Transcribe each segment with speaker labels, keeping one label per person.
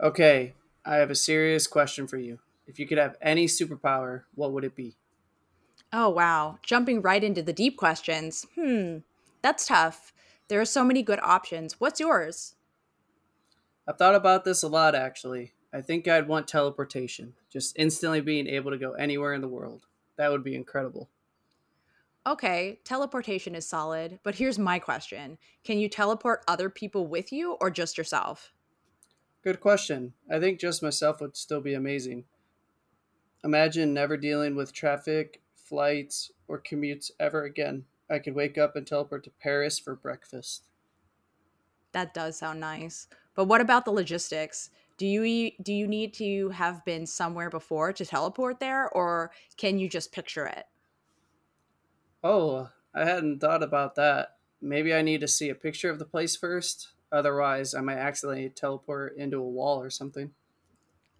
Speaker 1: Okay, I have a serious question for you. If you could have any superpower, what would it be?
Speaker 2: Oh, wow. Jumping right into the deep questions. Hmm, that's tough. There are so many good options. What's yours?
Speaker 1: I've thought about this a lot, actually. I think I'd want teleportation, just instantly being able to go anywhere in the world. That would be incredible.
Speaker 2: Okay, teleportation is solid, but here's my question. Can you teleport other people with you or just yourself?
Speaker 1: Good question. I think just myself would still be amazing. Imagine never dealing with traffic, flights, or commutes ever again. I could wake up and teleport to Paris for breakfast.
Speaker 2: That does sound nice. But what about the logistics? Do you need to have been somewhere before to teleport there, or can you just picture it?
Speaker 1: Oh, I hadn't thought about that. Maybe I need to see a picture of the place first. Otherwise, I might accidentally teleport into a wall or something.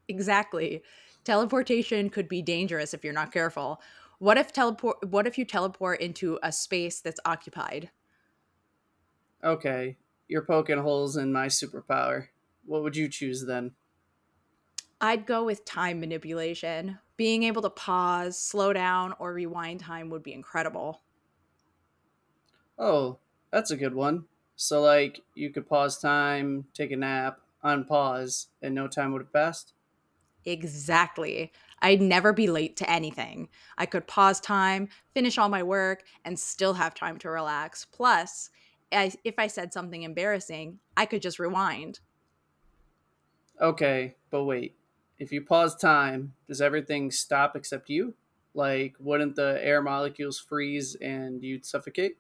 Speaker 2: Exactly. Teleportation could be dangerous if you're not careful. What if you teleport into a space that's occupied?
Speaker 1: Okay, you're poking holes in my superpower. What would you choose then?
Speaker 2: I'd go with time manipulation. Being able to pause, slow down, or rewind time would be incredible.
Speaker 1: Oh, that's a good one. So, like, you could pause time, take a nap, unpause, and no time would have passed?
Speaker 2: Exactly. I'd never be late to anything. I could pause time, finish all my work, and still have time to relax. Plus, if I said something embarrassing, I could just rewind.
Speaker 1: Okay, but wait. If you pause time, does everything stop except you? Like, wouldn't the air molecules freeze and you'd suffocate?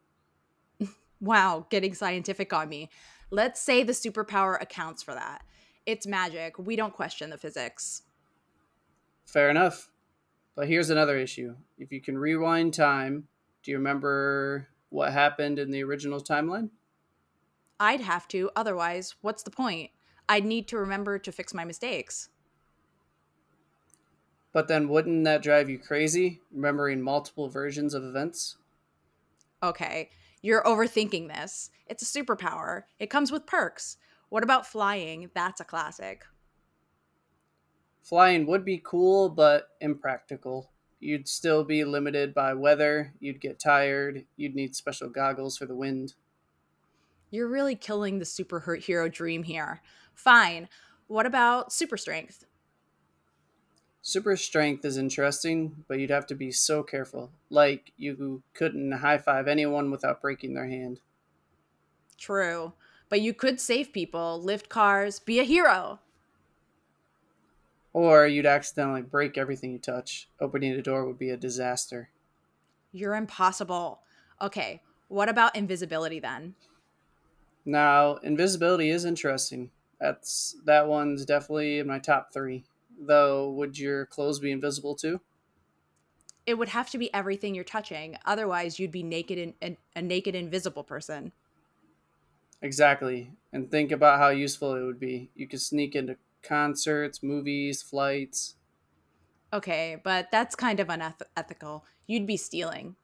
Speaker 2: Wow, getting scientific on me. Let's say the superpower accounts for that. It's magic. We don't question the physics.
Speaker 1: Fair enough. But here's another issue. If you can rewind time, do you remember what happened in the original timeline?
Speaker 2: I'd have to, otherwise, what's the point? I'd need to remember to fix my mistakes.
Speaker 1: But then wouldn't that drive you crazy, remembering multiple versions of events?
Speaker 2: Okay, you're overthinking this. It's a superpower, it comes with perks. What about flying? That's a classic.
Speaker 1: Flying would be cool, but impractical. You'd still be limited by weather, you'd get tired, you'd need special goggles for the wind.
Speaker 2: You're really killing the superhero dream here. Fine. What about super strength?
Speaker 1: Super strength is interesting, but you'd have to be so careful. Like, you couldn't high five anyone without breaking their hand.
Speaker 2: True. But you could save people, lift cars, be a hero.
Speaker 1: Or you'd accidentally break everything you touch. Opening the door would be a disaster.
Speaker 2: You're impossible. Okay, what about invisibility then?
Speaker 1: Now, invisibility is interesting. That's that one's definitely in my top three. Though, would your clothes be invisible too?
Speaker 2: It would have to be everything you're touching. Otherwise, you'd be naked a naked invisible person.
Speaker 1: Exactly. And think about how useful it would be. You could sneak into concerts, movies, flights.
Speaker 2: Okay, but that's kind of unethical. You'd be stealing.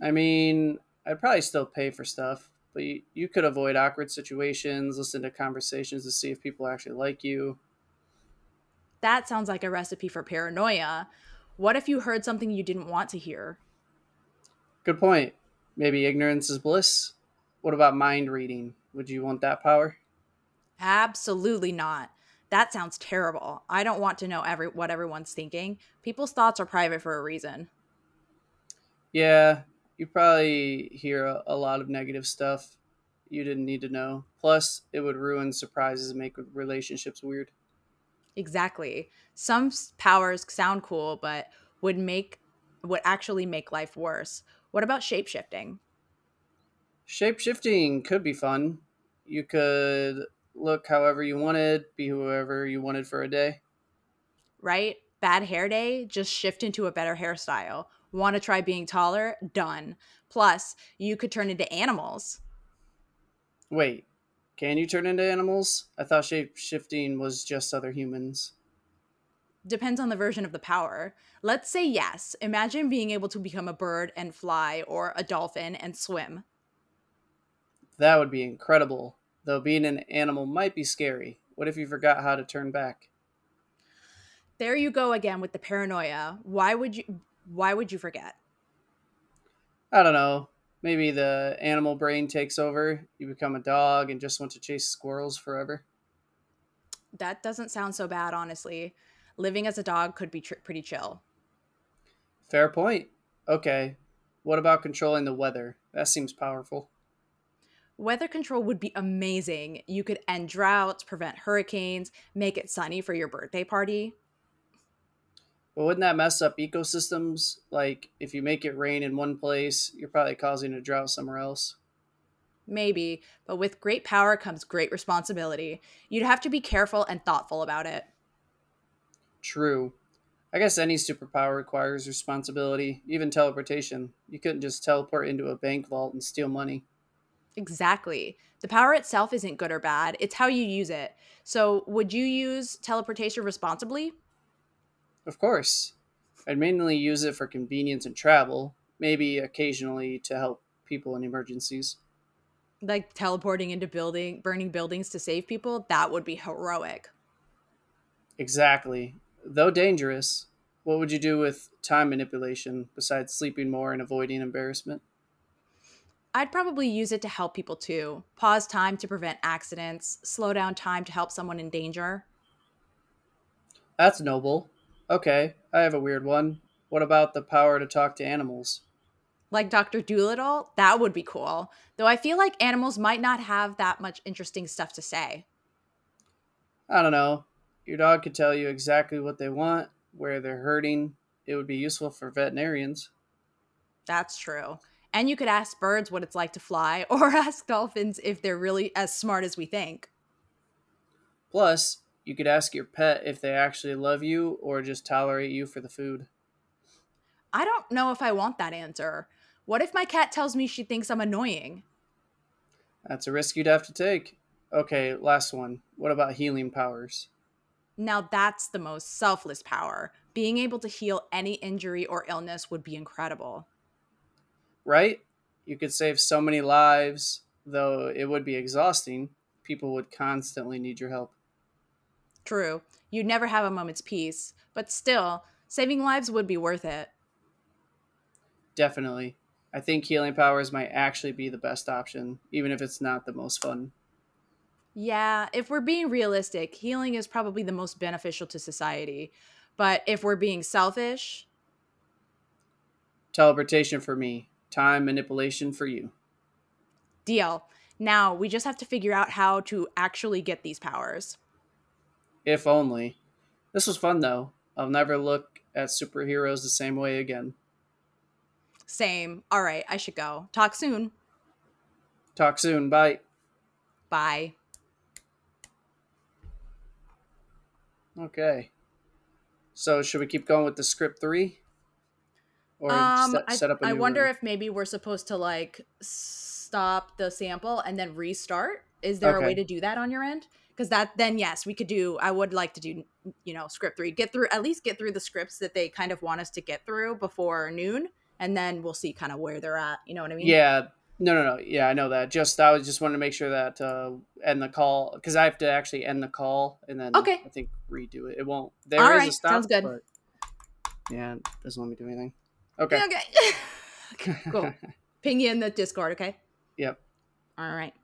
Speaker 1: I mean, I'd probably still pay for stuff, but you could avoid awkward situations, listen to conversations to see if people actually like you.
Speaker 2: That sounds like a recipe for paranoia. What if you heard something you didn't want to hear?
Speaker 1: Good point. Maybe ignorance is bliss. What about mind reading? Would you want that power?
Speaker 2: Absolutely not. That sounds terrible. I don't want to know every what everyone's thinking. People's thoughts are private for a reason.
Speaker 1: Yeah, you probably hear a lot of negative stuff you didn't need to know. Plus, it would ruin surprises and make relationships weird.
Speaker 2: Exactly. Some powers sound cool, but would make would actually make life worse. What about shape shifting?
Speaker 1: Shape shifting could be fun. You could look however you wanted, be whoever you wanted for a day.
Speaker 2: Right? Bad hair day, just shift into a better hairstyle. Want to try being taller? Done. Plus, you could turn into animals.
Speaker 1: Wait, can you turn into animals? I thought shape shifting was just other humans.
Speaker 2: Depends on the version of the power. Let's say yes. Imagine being able to become a bird and fly, or a dolphin and swim.
Speaker 1: That would be incredible. Though being an animal might be scary. What if you forgot how to turn back?
Speaker 2: There you go again with the paranoia. Why would you forget?
Speaker 1: I don't know. Maybe the animal brain takes over. You become a dog and just want to chase squirrels forever.
Speaker 2: That doesn't sound so bad, honestly. Living as a dog could be pretty chill.
Speaker 1: Fair point. Okay. What about controlling the weather? That seems powerful.
Speaker 2: Weather control would be amazing. You could end droughts, prevent hurricanes, make it sunny for your birthday party.
Speaker 1: But wouldn't that mess up ecosystems? Like, if you make it rain in one place, you're probably causing a drought somewhere else.
Speaker 2: Maybe, but with great power comes great responsibility. You'd have to be careful and thoughtful about it.
Speaker 1: True. I guess any superpower requires responsibility, even teleportation. You couldn't just teleport into a bank vault and steal money.
Speaker 2: Exactly. The power itself isn't good or bad, it's how you use it. So, would you use teleportation responsibly?
Speaker 1: Of course. I'd mainly use it for convenience and travel, maybe occasionally to help people in emergencies.
Speaker 2: Like teleporting into burning buildings to save people? That would be heroic.
Speaker 1: Exactly. Though dangerous, what would you do with time manipulation besides sleeping more and avoiding embarrassment?
Speaker 2: I'd probably use it to help people too. Pause time to prevent accidents, slow down time to help someone in danger.
Speaker 1: That's noble. Okay, I have a weird one. What about the power to talk to animals?
Speaker 2: Like Dr. Dolittle, that would be cool. Though I feel like animals might not have that much interesting stuff to say.
Speaker 1: I don't know. Your dog could tell you exactly what they want, where they're hurting. It would be useful for veterinarians.
Speaker 2: That's true. And you could ask birds what it's like to fly, or ask dolphins if they're really as smart as we think.
Speaker 1: Plus, you could ask your pet if they actually love you or just tolerate you for the food.
Speaker 2: I don't know if I want that answer. What if my cat tells me she thinks I'm annoying?
Speaker 1: That's a risk you'd have to take. Okay, last one. What about healing powers?
Speaker 2: Now that's the most selfless power. Being able to heal any injury or illness would be incredible.
Speaker 1: Right? You could save so many lives, though it would be exhausting. People would constantly need your help.
Speaker 2: True. You'd never have a moment's peace, but still, saving lives would be worth it.
Speaker 1: Definitely. I think healing powers might actually be the best option, even if it's not the most fun.
Speaker 2: Yeah, if we're being realistic, healing is probably the most beneficial to society. But if we're being selfish,
Speaker 1: Teleportation for me, time manipulation for you.
Speaker 2: deal. Now we just have to figure out how to actually get these powers.
Speaker 1: If only. This was fun, though. I'll never look at superheroes the same way again.
Speaker 2: Same. All right, I should go. Talk soon.
Speaker 1: Talk soon. Bye.
Speaker 2: Bye.
Speaker 1: Okay. So should we keep going with the script three or
Speaker 2: Um,
Speaker 1: set,
Speaker 2: I
Speaker 1: set up a
Speaker 2: I
Speaker 1: new
Speaker 2: wonder
Speaker 1: room?
Speaker 2: if maybe we're supposed to, like, stop the sample and then restart. Is there a way
Speaker 1: Okay.
Speaker 2: to do that on your end? Because that then yes, we could do. I would like to do script three, get through, at least get through the scripts that they kind of want us to get through before noon, and then we'll see kind of where they're at. You know what I mean?
Speaker 1: Yeah. No, no, no. Yeah, I know that. Just I was just wanted to make sure that end the call because I have to actually end the call and then
Speaker 2: Okay,
Speaker 1: I think redo it. It won't. There
Speaker 2: all
Speaker 1: is a
Speaker 2: right, sounds
Speaker 1: stop,
Speaker 2: good.
Speaker 1: but yeah, it doesn't let me do anything. Okay.
Speaker 2: Okay, okay. Cool. Ping you in the Discord. Okay,
Speaker 1: yep.
Speaker 2: all right.